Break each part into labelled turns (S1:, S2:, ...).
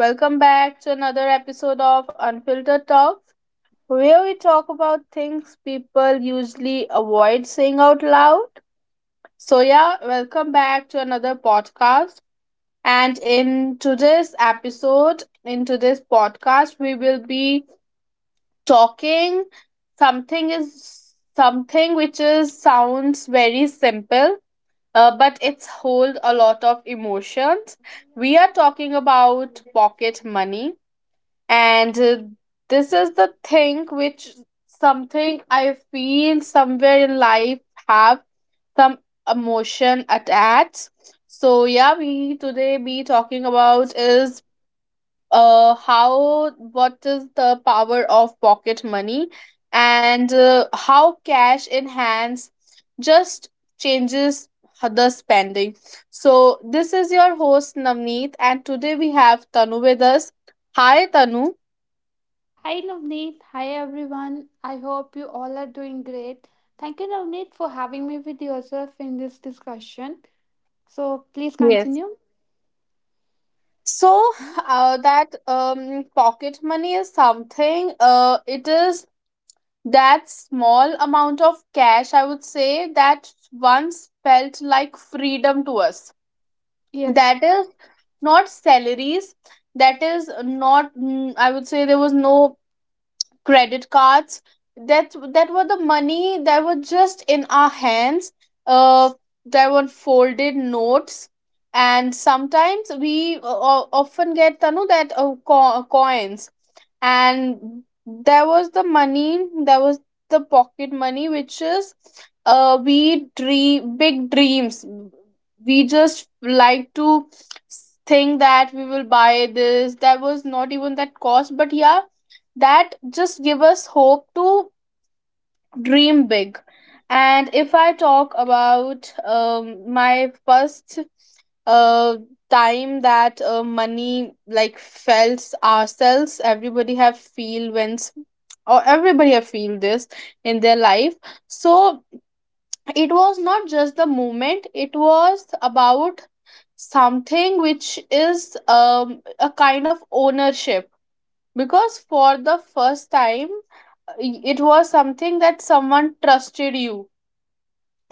S1: Welcome back to another episode of Unfiltered Talks, where we talk about things people usually avoid saying out loud. So, yeah, welcome back to another podcast. And in today's episode, in today's podcast, we will be talking something is something which is sounds very simple but it's hold a lot of emotions. We are talking about
S2: Hi
S1: pocket money, and this is the thing which something I feel somewhere in life have some emotion attached. So yeah, we today be talking about is how what is the power of pocket money and how cash in hands just changes the spending. So this is your host Navneet, and today we have Tanu with us. Hi Tanu.
S2: Navneet, hi everyone. I hope you all are doing great. Thank you Navneet for having me with yourself in this discussion. So please
S1: Yes.
S2: continue.
S1: So that pocket money is something it is that small amount of cash, I would say, that once felt like freedom to us.
S2: Yes,
S1: That is not salaries, that is not I would say there was no credit cards. That were the money that were just in our hands. uh there were folded notes, and sometimes we often get, Tanu, that coins. And there was the money, there was the pocket money, which is we dream big dreams. We just like to think that we will buy this, that was not even that cost, but yeah, that just give us hope to dream big. And if I talk about my first uh, time that money like felt ourselves, everybody have feel when or everybody have feel this in their life. So it was not just the moment, it was about something which is a kind of ownership. Because for the first time, it was something that someone trusted you.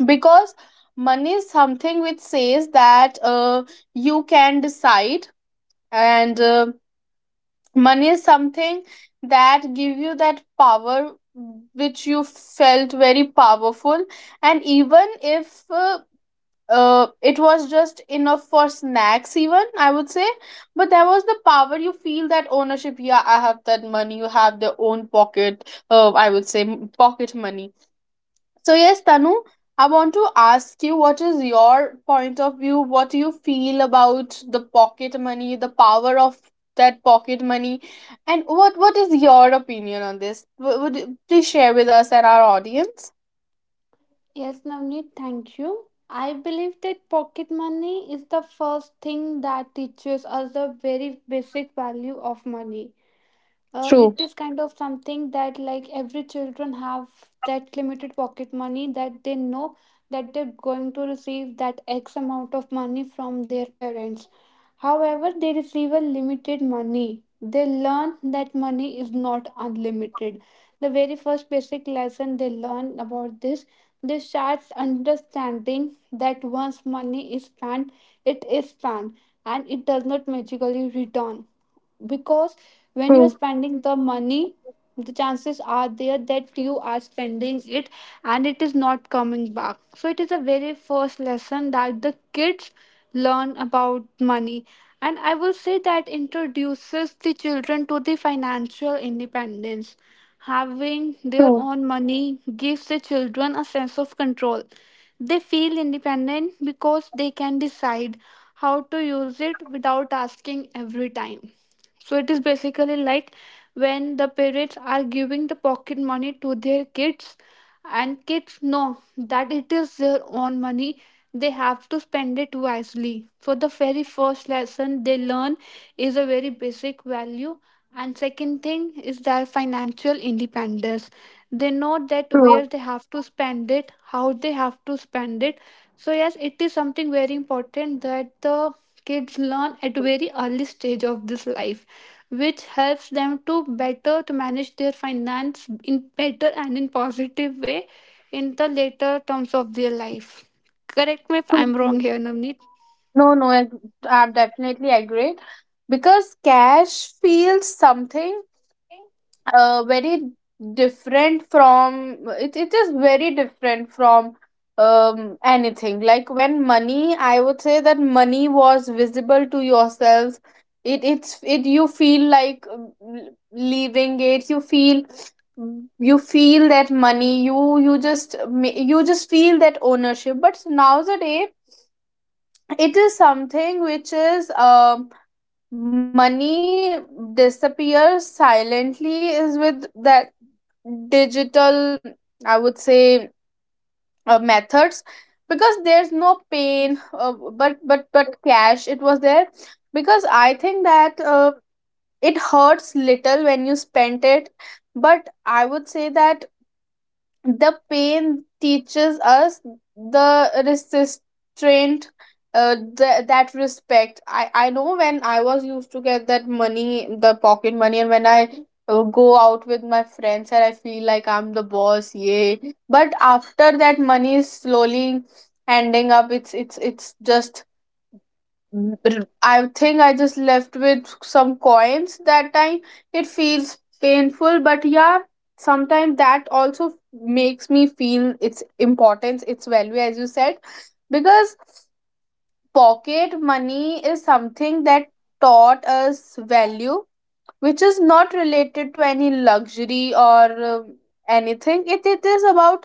S1: Because money is something which says that you can decide. And money is something that give you that power, which you felt very powerful. And even if it was just enough for snacks even, I would say, but there was the power, you feel that ownership, yeah, I have that money, you have the own pocket, I would say pocket money. So yes, Tanu, I want to ask you, what is your point of view? What do you feel about the pocket money, the power of that pocket money, and what is your opinion on this? Would you please share with us and our audience?
S2: yes, Navneet, thank you. I believe that pocket money is the first thing that teaches us the very basic value of money.
S1: True,
S2: It is kind of something that like every children have that limited pocket money, that they know that they're going to receive that x amount of money from their parents. However, they receive a limited money, they learn that money is not unlimited. The very first basic lesson they learn about this, they start understanding that once money is spent, it is spent, and it does not magically return, because when you're
S1: true,
S2: spending the money, the chances are there that you are spending it and it is not coming back. So it is a very first lesson that the kids learn about money. And I will say that introduces the children to the financial independence. Having their
S1: true,
S2: own money gives the children a sense of control. They feel independent because they can decide how to use it without asking every time. So it is basically like when the parents are giving the pocket money to their kids, and kids know that it is their own money. They have to spend it wisely. So the very first lesson they learn is a very basic value. And second thing is their financial independence. They know that
S1: true,
S2: where they have to spend it, how they have to spend it. So yes, it is something very important that the kids learn at very early stage of this life, which helps them to better to manage their finance in better and in positive way in the later terms of their life. Correct me if
S1: true,
S2: I'm
S1: true.
S2: wrong here, Navneet.
S1: No, I definitely agree because cash feels something. Very different from it, it is very different from anything. Like when money, I would say that money was visible to yourselves, it you feel like, leaving it, you feel, you feel that money, you you just feel that ownership. But nowadays it is something which is money disappears silently, is with that digital, I would say, methods, because there's no pain. But cash, it was there, because I think that it hurts little when you spent it. But I would say that the pain teaches us the restraint, that respect. I know when I was used to get that money, the pocket money, and when I go out with my friends, and I feel like I'm the boss, yay. But after that money is slowly ending up, it's just I think I just left with some coins that time. It feels painful, but yeah, sometimes that also makes me feel its importance, its value, as you said, because pocket money is something that taught us value, which is not related to any luxury or anything. It is about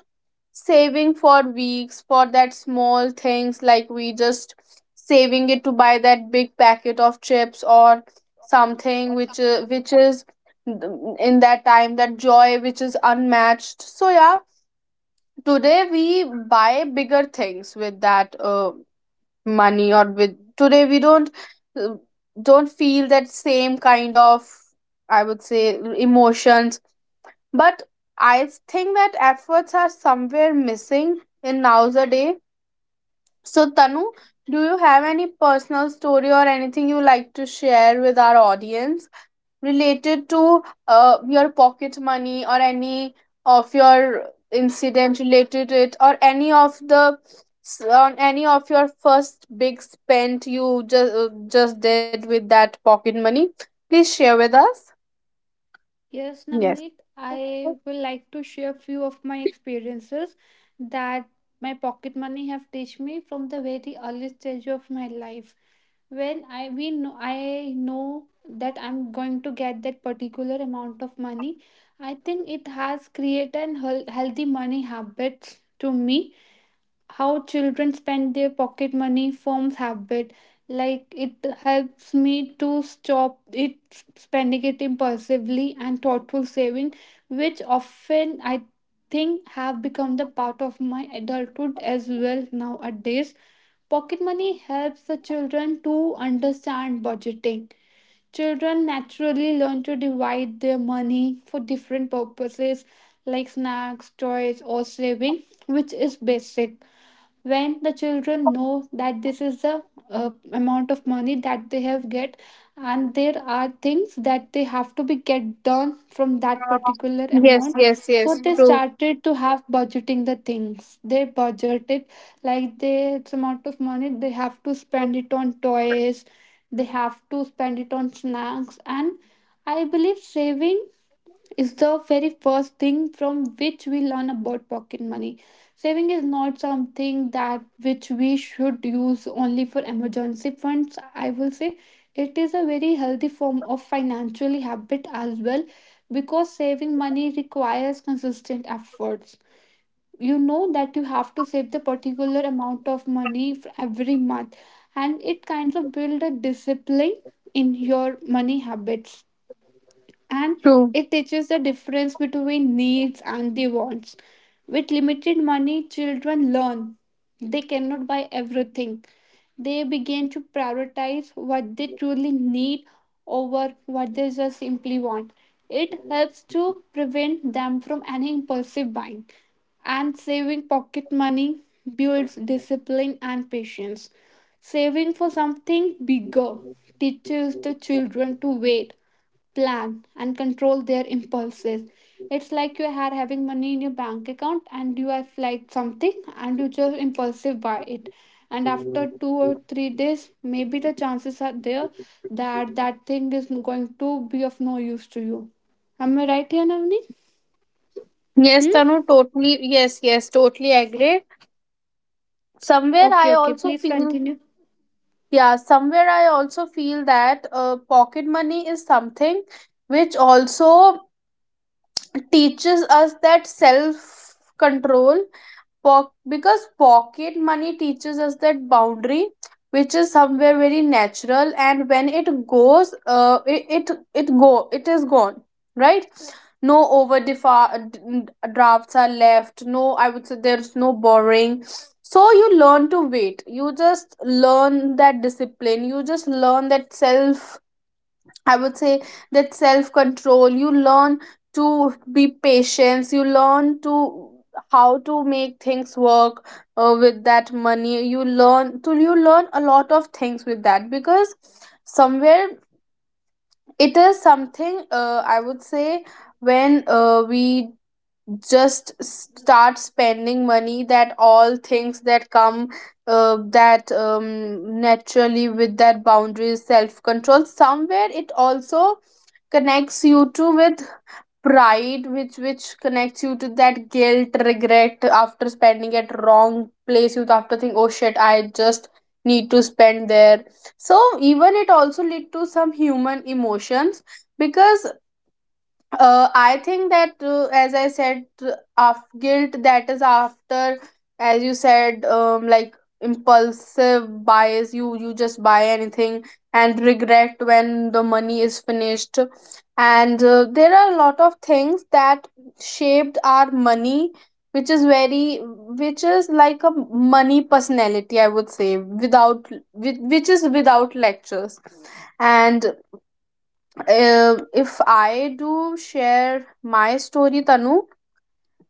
S1: saving for weeks for that small things, like we just saving it to buy that big packet of chips or something which is in that time, that joy which is unmatched. So yeah, today we buy bigger things with that money, or with today we don't uh, don't feel that same kind of, I would say, emotions. But I think that efforts are somewhere missing in nowadays. So Tanu, do you have any personal story or anything you like to share with our audience related to your pocket money, or any of your incident related to it, or any of the on any of your first big spend you just did with that pocket money? Please share with us.
S2: Yes, Namneet,
S1: Yes.
S2: I will like to share few of my experiences that my pocket money have teach me from the very early stage of my life. When I we know I know that I'm going to get that particular amount of money, I think it has created an healthy money habits to me. How children spend their pocket money forms habit, like it helps me to stop it spending it impulsively and thoughtful saving, which often I think have become the part of my adulthood as well. Nowadays pocket money helps the children to understand budgeting. Children naturally learn to divide their money for different purposes, like snacks, toys, or saving, which is basic. When the children know that this is the amount of money that they have get, and there are things that they have to be get done from that particular
S1: Yes,
S2: amount,
S1: yes, yes,
S2: so they
S1: true.
S2: started to have budgeting the things they budgeted. Like this amount of money, they have to spend it on toys, they have to spend it on snacks, and I believe saving is the very first thing from which we learn about pocket money. Saving is not something that which we should use only for emergency funds, I will say. It is a very healthy form of financial habit as well, because saving money requires consistent efforts. You know that you have to save the particular amount of money for every month, and it kind of build a discipline in your money habits. And
S1: True.
S2: it teaches the difference between needs and the wants. With limited money, children learn they cannot buy everything. They begin to prioritize what they truly need over what they just simply want. It helps to prevent them from any impulsive buying, and saving pocket money builds discipline and patience. Saving for something bigger teaches the children to wait, plan, and control their impulses. It's like you are having money in your bank account and you have liked something and you just impulsive buy it. And after 2 or 3 days, maybe the chances are there that that thing is going to be of no use to you. Am I right here, Navni?
S1: Yes,
S2: Hmm?
S1: Tanu, totally. Yes, yes, totally agree. Somewhere
S2: Okay,
S1: I
S2: okay.
S1: also
S2: Please
S1: feel,
S2: continue.
S1: yeah, somewhere I also feel that pocket money is something which also teaches us that self control. Because pocket money teaches us that boundary which is somewhere very natural, and when it goes, it is gone, right? No over drafts are left, no, I would say, there's no borrowing. So you learn to wait, you just learn that discipline, you just learn that self, I would say, that self control, you learn to be patient, you learn to how to make things work with that money. You learn to, you learn a lot of things with that, because somewhere it is something, I would say, when we just start spending money, that all things that come that naturally, with that boundaries, self control, somewhere it also connects you to with pride, which connects you to that guilt, regret after spending at wrong place, you after think, oh shit, I just need to spend there. So even it also lead to some human emotions. Because I think that, as I said, of guilt that is after, as you said, like impulsive buys. You just buy anything and regret when the money is finished. And there are a lot of things that shaped our money, which is very, which is like a money personality, I would say, without, with, which is without lectures. And if I do share my story, Tanu,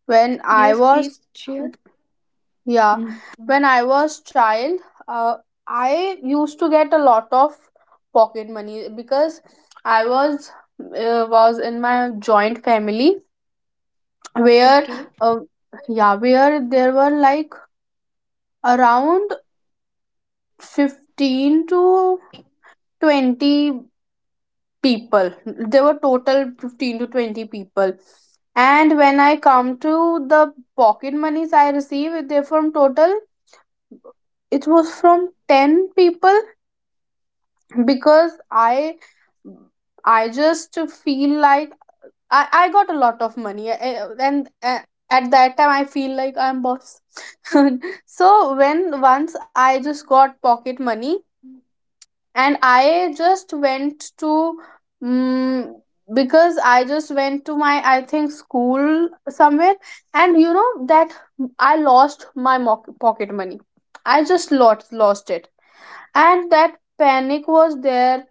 S1: when I
S2: Yes,
S1: was,
S2: please. Sure.
S1: yeah,
S2: Hmm.
S1: when I was child, uh, I used to get a lot of pocket money because I was in my joint family where
S2: Okay.
S1: uh, yeah, where there were like around 15 to 20 people, there were total 15 to 20 people. And when I come to the pocket monies I receive, they from total, it was from 10 people, because i I just feel like I got a lot of money, and eh, at that time I feel like I'm boss so when once I just got pocket money
S2: Hmm.
S1: and I just went to, mm because I just went to my, I think, school somewhere, and you know that I lost my pocket money. I just lost it. And that panic was there,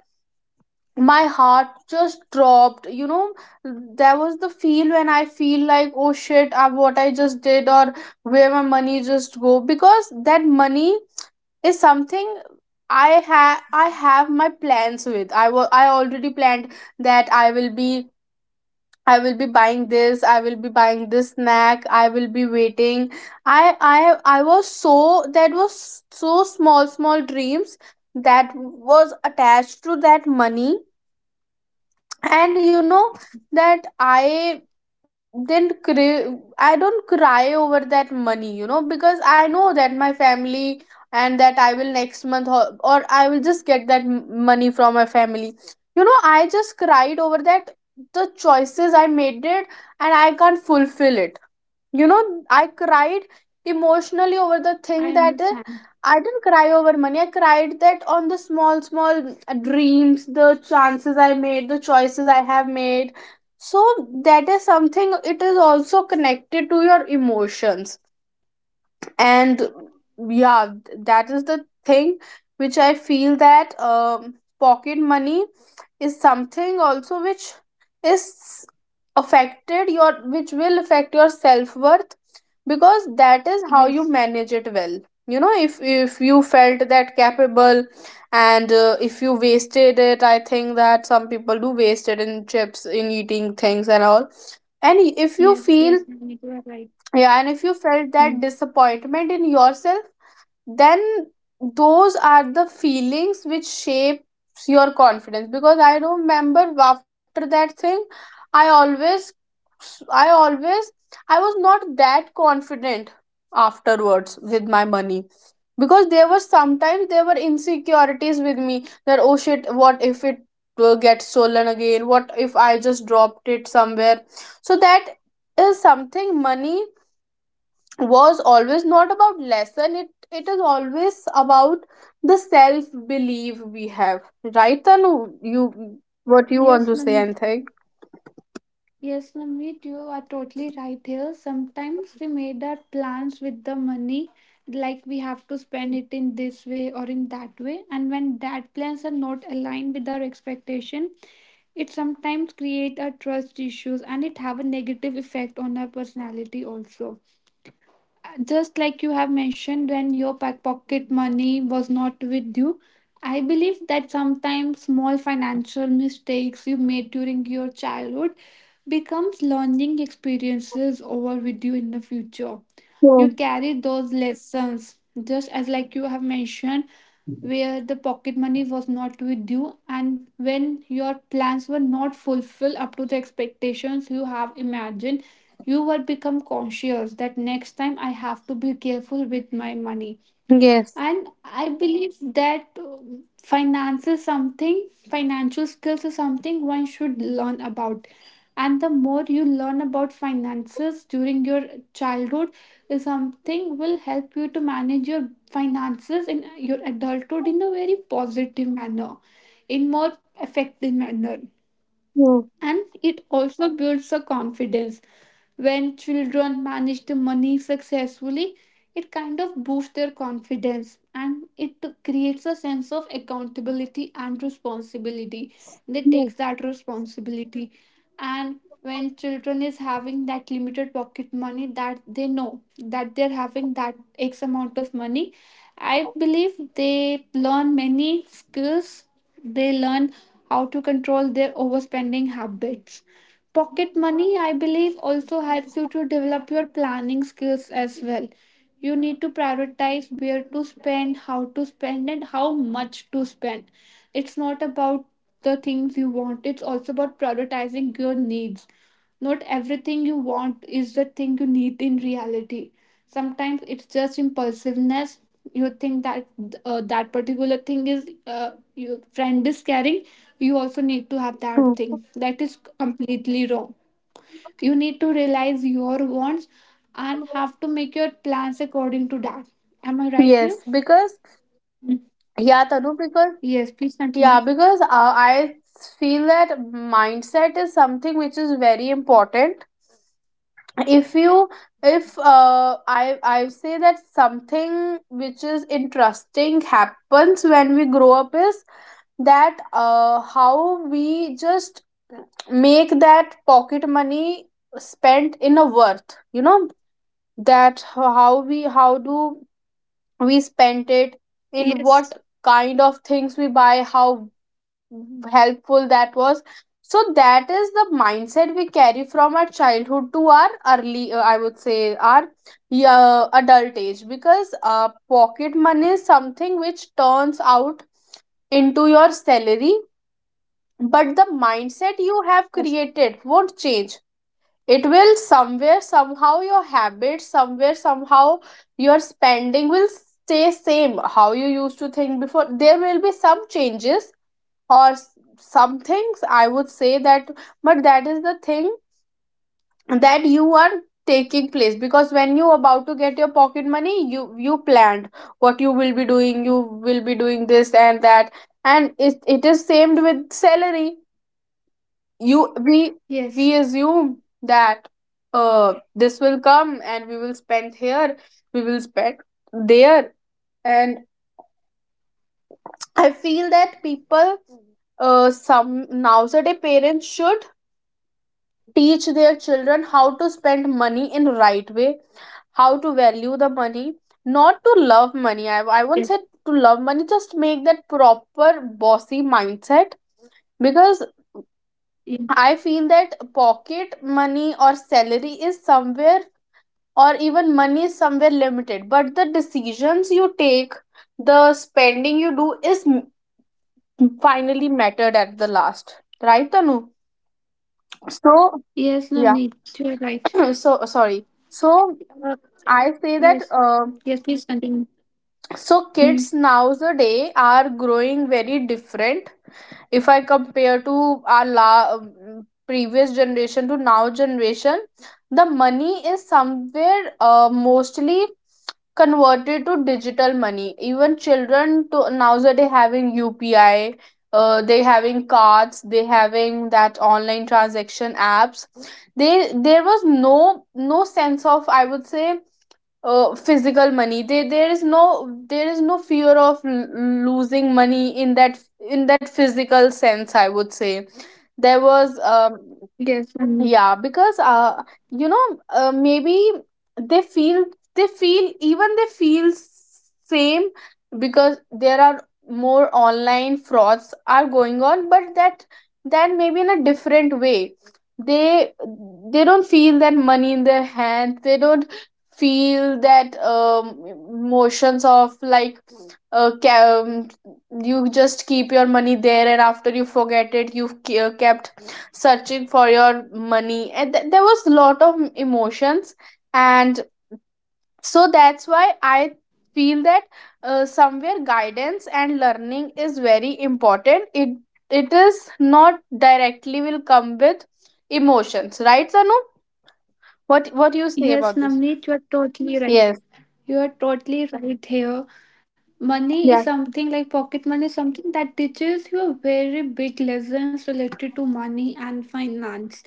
S1: my heart just dropped, you know. There was the feel when I feel like, oh shit, what I just did, or where my money just go? Because that money is something I have my plans with. I will, I already planned that I will be, I will be buying this, I will be buying this snack, I will be waiting, i i I was so, that was so small small dreams that was attached to that money. And you know that I didn't cry, I don't cry over that money, you know, because I know that my family, and that I will next month, or I will just get that money from my family. You know, I just cried over that, the choices I made it, and I can't fulfill it, you know. I cried emotionally over the thing
S2: I
S1: that
S2: understand.
S1: I didn't cry over money, I cried that on the small small dreams, the chances I made, the choices I have made. So that is something, it is also connected to your emotions. And yeah, that is the thing which I feel that, pocket money is something also which is affected your, which will affect your self-worth, because that is how you
S2: Yes.
S1: manage it well. You know, if you felt that capable, and if you wasted it, I think that some people do waste it in chips, in eating things and all. And if you
S2: Yes,
S1: feel,
S2: yes, Navneet, you are right.
S1: yeah, and if you felt that
S2: Hmm.
S1: disappointment in yourself, then those are the feelings which shapes your confidence. Because I remember after that thing, i always I always I was not that confident afterwards with my money, because there was sometimes, there were insecurities with me that, oh shit, what if it gets stolen again, what if I just dropped it somewhere. So that is something, money was always not about lesson, it is always about the self belief we have, right Tanu? You, what you want
S2: Yes,
S1: to say, and
S2: Navneet.
S1: anything?
S2: Yes, Navneet, you are totally right here. Sometimes we made our plans with the money, like we have to spend it in this way or in that way. And when that plans are not aligned with our expectation, it sometimes create a trust issues and it have a negative effect on our personality also, just like you have mentioned when your pocket money was not with you. I believe that sometimes small financial mistakes you made during your childhood becomes learning experiences over with you in the future. You
S1: True.
S2: carry those lessons, just as like you have mentioned, where the pocket money was not with you and when your plans were not fulfilled up to the expectations you have imagined, you will become conscious that next time I have to be careful with my money.
S1: Yes.
S2: And I believe that finance is something, financial skills is something one should learn about. And the more you learn about finances during your childhood, is something will help you to manage your finances in your adulthood in a very positive manner, in more effective manner.
S1: True.
S2: And it also builds a confidence. When children manage the money successfully, it kind of boosts their confidence and it creates a sense of accountability and responsibility. They
S1: Yes.
S2: takes that responsibility. And when children is having that limited pocket money, that they know that they're having that x amount of money, I believe they learn many skills. They learn how to control their overspending habits. Pocket money, I believe, also helps you to develop your planning skills as well. You need to prioritize where to spend, how to spend, and how much to spend. It's not about the things you want, it's also about prioritizing your needs. Not everything you want is the thing you need in reality. Sometimes it's just impulsiveness. You think that that particular thing is your friend is carrying, you also need to have that
S1: True.
S2: thing, that is completely wrong. You need to realize your wants and have to make your plans according to that. Am I right here?
S1: Yes, because yeah Tanu, because
S2: Yes, please
S1: yeah,
S2: continue.
S1: because I feel that mindset is something which is very important. If you, if I say that something which is interesting happens when we grow up is that how we just make that pocket money spent in a worth. That how we, how do we spend it, in what
S2: yes
S1: kind of things we buy, how helpful that was. So that is the mindset we carry from our childhood to our early, I would say our yeah, adult age, because pocket money is something which turns out into your salary, but the mindset you have
S2: yes
S1: created won't change. It will somewhere somehow your habits, somewhere somehow your spending will stay same. How you used to think before, there will be some changes, or some things I would say that. But that is the thing that you are taking place, because when you about to get your pocket money, you planned what you will be doing. You will be doing this and that. And it is same with salary. You we we
S2: yes
S1: assume that this will come and we will spend here, we will spend there. And I feel that people, uh, some nowadays parents should teach their children how to spend money in right way, how to value the money, not to love money. I won't say
S2: yes
S1: to love money, just make that proper bossy mindset. Because
S2: yes,
S1: I feel that pocket money or salary is somewhere, or even money is somewhere limited, but the decisions you take, the spending you do is finally mattered at the last, right Tanu? So
S2: yes navneet, you are right.
S1: yeah. So sorry, so
S2: Uh,
S1: I say that
S2: yes, yes, please continue.
S1: so
S2: Mm,
S1: kids nowadays are growing very different. If I compare to our previous generation to now generation, the money is somewhere mostly converted to digital money. Even children to nowadays having UPI, they having cards, they having that online transaction apps. They, there was no, no sense of I would say physical money. They, there is no, there is no fear of losing money in that, in that physical sense I would say. There was
S2: yes, Navneet.
S1: yeah, because you know, maybe they feel, they feel, even they feel same, because there are more online frauds are going on, but that, that maybe in a different way. they they don't feel that money in their hand. They don't feel that motions of like, uh, ca- um, you just keep your money there and after you forget it, you've kept searching for your money, and there was a lot of emotions. And so that's why I feel that somewhere guidance and learning is very important. It is not directly will come with emotions, right Sanu? What you say
S2: Yes,
S1: about this?
S2: Navneet, you are totally right,
S1: Yes.
S2: you are totally right here. Money is
S1: Yeah,
S2: something, like pocket money is something that teaches you very big lessons related to money and finance.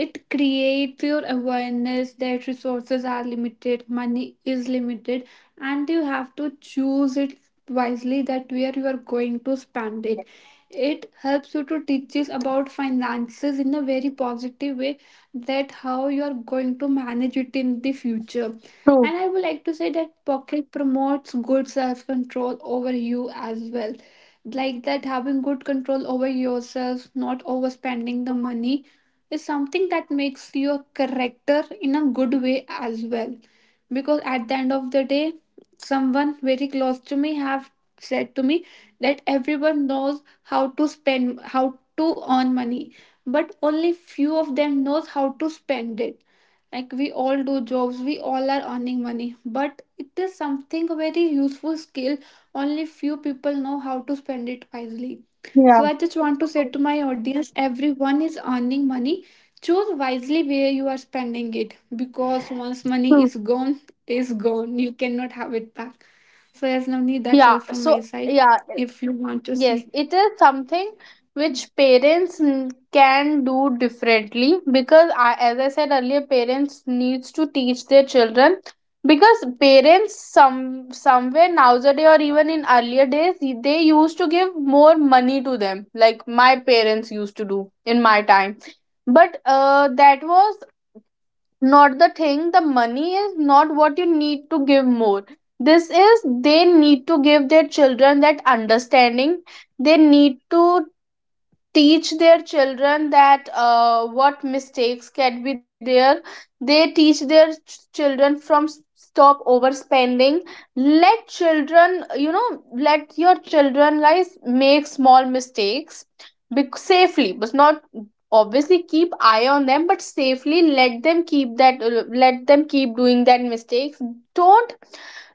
S2: It creates your awareness that resources are limited, money is limited, and you have to choose it wisely that where you are going to spend it. It helps you to teach us about finances in a very positive way, that how you are going to manage it in the future.
S1: true.
S2: And I would like to say that pocket promotes good self control over you as well. Like that, having good control over yourself, not overspending the money, is something that makes your character in a good way as well. Because at the end of the day, someone very close to me have said to me that everyone knows how to spend, how to earn money, but only few of them knows how to spend it. Like we all do jobs, we all are earning money, but it is something very useful skill. Only few people know how to spend it wisely. So I
S1: Yeah,
S2: just want to say to my audience, everyone is earning money, choose wisely where you are spending it, because once money
S1: true.
S2: is gone, it is gone, you cannot have it back. So yes, Namni, that's
S1: Yeah,
S2: all from my
S1: so
S2: side.
S1: yeah.
S2: If you want to see,
S1: Yes, it is something which parents can do differently, because I, as I said earlier, parents needs to teach their children. Because parents some somewhere nowadays or even in earlier days they used to give more money to them, like my parents used to do in my time. But that was not the thing. The money is not what you need to give more. This is, they need to give their children that understanding. They need to teach their children that what mistakes can be there. They teach their children from stop overspending. Let children you know, let your children guys make small mistakes, safely. But not obviously, keep eye on them, but safely let them keep that, let them keep doing that mistakes. don't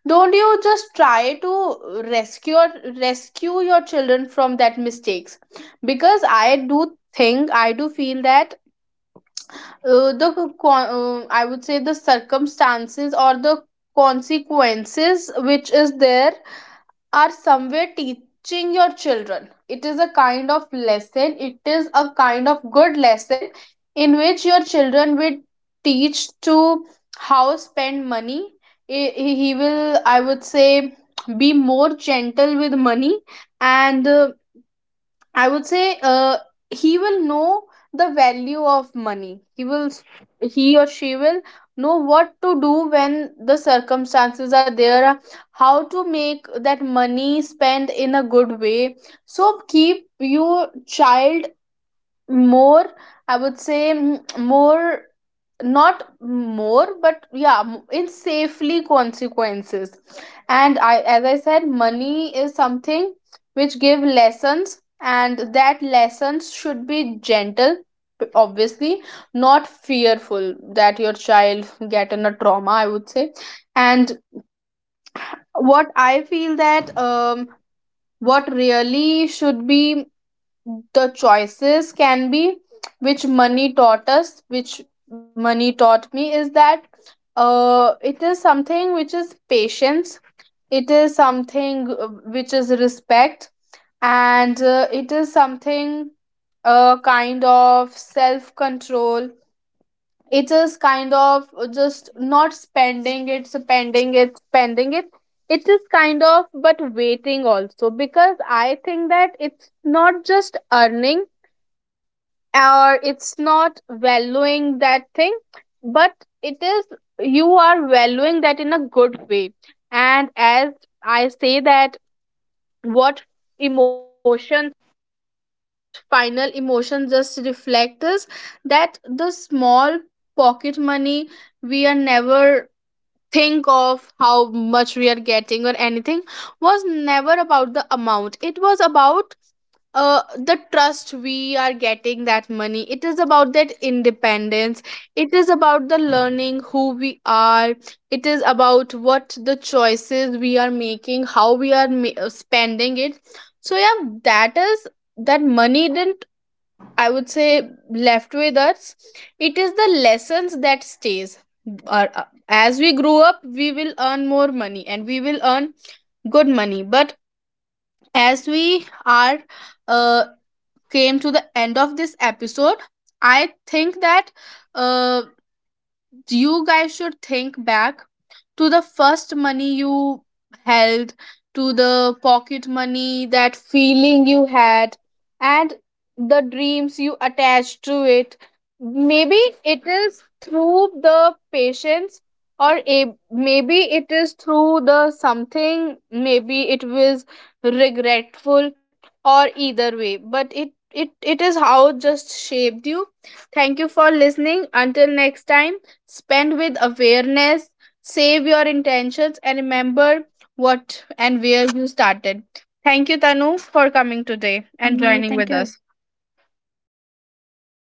S1: don't you just try to rescue, rescue your children from that mistakes. Because I do think, I do feel that, I would say the circumstances or the consequences which is there are somewhere teaching your children. It is a kind of lesson, it is a kind of good lesson in which your children will teach to how spend money. He will, I would say, be more gentle with money. And I would say he will know the value of money. He will, he or she will know what to do when the circumstances are there, how to make that money spend in a good way. So keep your child more, I would say more, not more but yeah in safely consequences. And I, as I said, money is something which give lessons, and that lessons should be gentle, obviously not fearful that your child get in a trauma, I would say. And what I feel that what really should be, the choices can be which money taught us, which money taught me, is that it is something which is patience. It is something which is respect. And it is something a kind of self control. It is kind of just not spending it, spending it, spending it. It is kind of but waiting also. Because I think that it's not just earning, or it's not valuing that thing, but it is, you are valuing that in a good way. And as I say that, what emotion, final emotion just reflect is that the small pocket money, we are never think of how much we are getting or anything. Was never about the amount. It was about the trust we are getting that money. It is about that independence. It is about the learning who we are. It is about what the choices we are making, how we are spending it. So yeah, that is, that money didn't, I would say, left with us. It is the lessons that stays. As we grow up, we will earn more money, and we will earn good money. But as we are uh, came to the end of this episode, I think that uh, you guys should think back to the first money you held, to the pocket money, that feeling you had, and the dreams you attached to it. Maybe it is through the patience, or a, maybe it is through the something, maybe it was regretful, or either way. But it is how it just shaped you. Thank you for listening. Until next time. Spend with awareness, save your intentions, and remember what and where you started. Thank you, Tanu, for coming today and joining with
S2: thank
S1: us.
S2: you Namni, thank you everyone.
S1: You
S2: Thank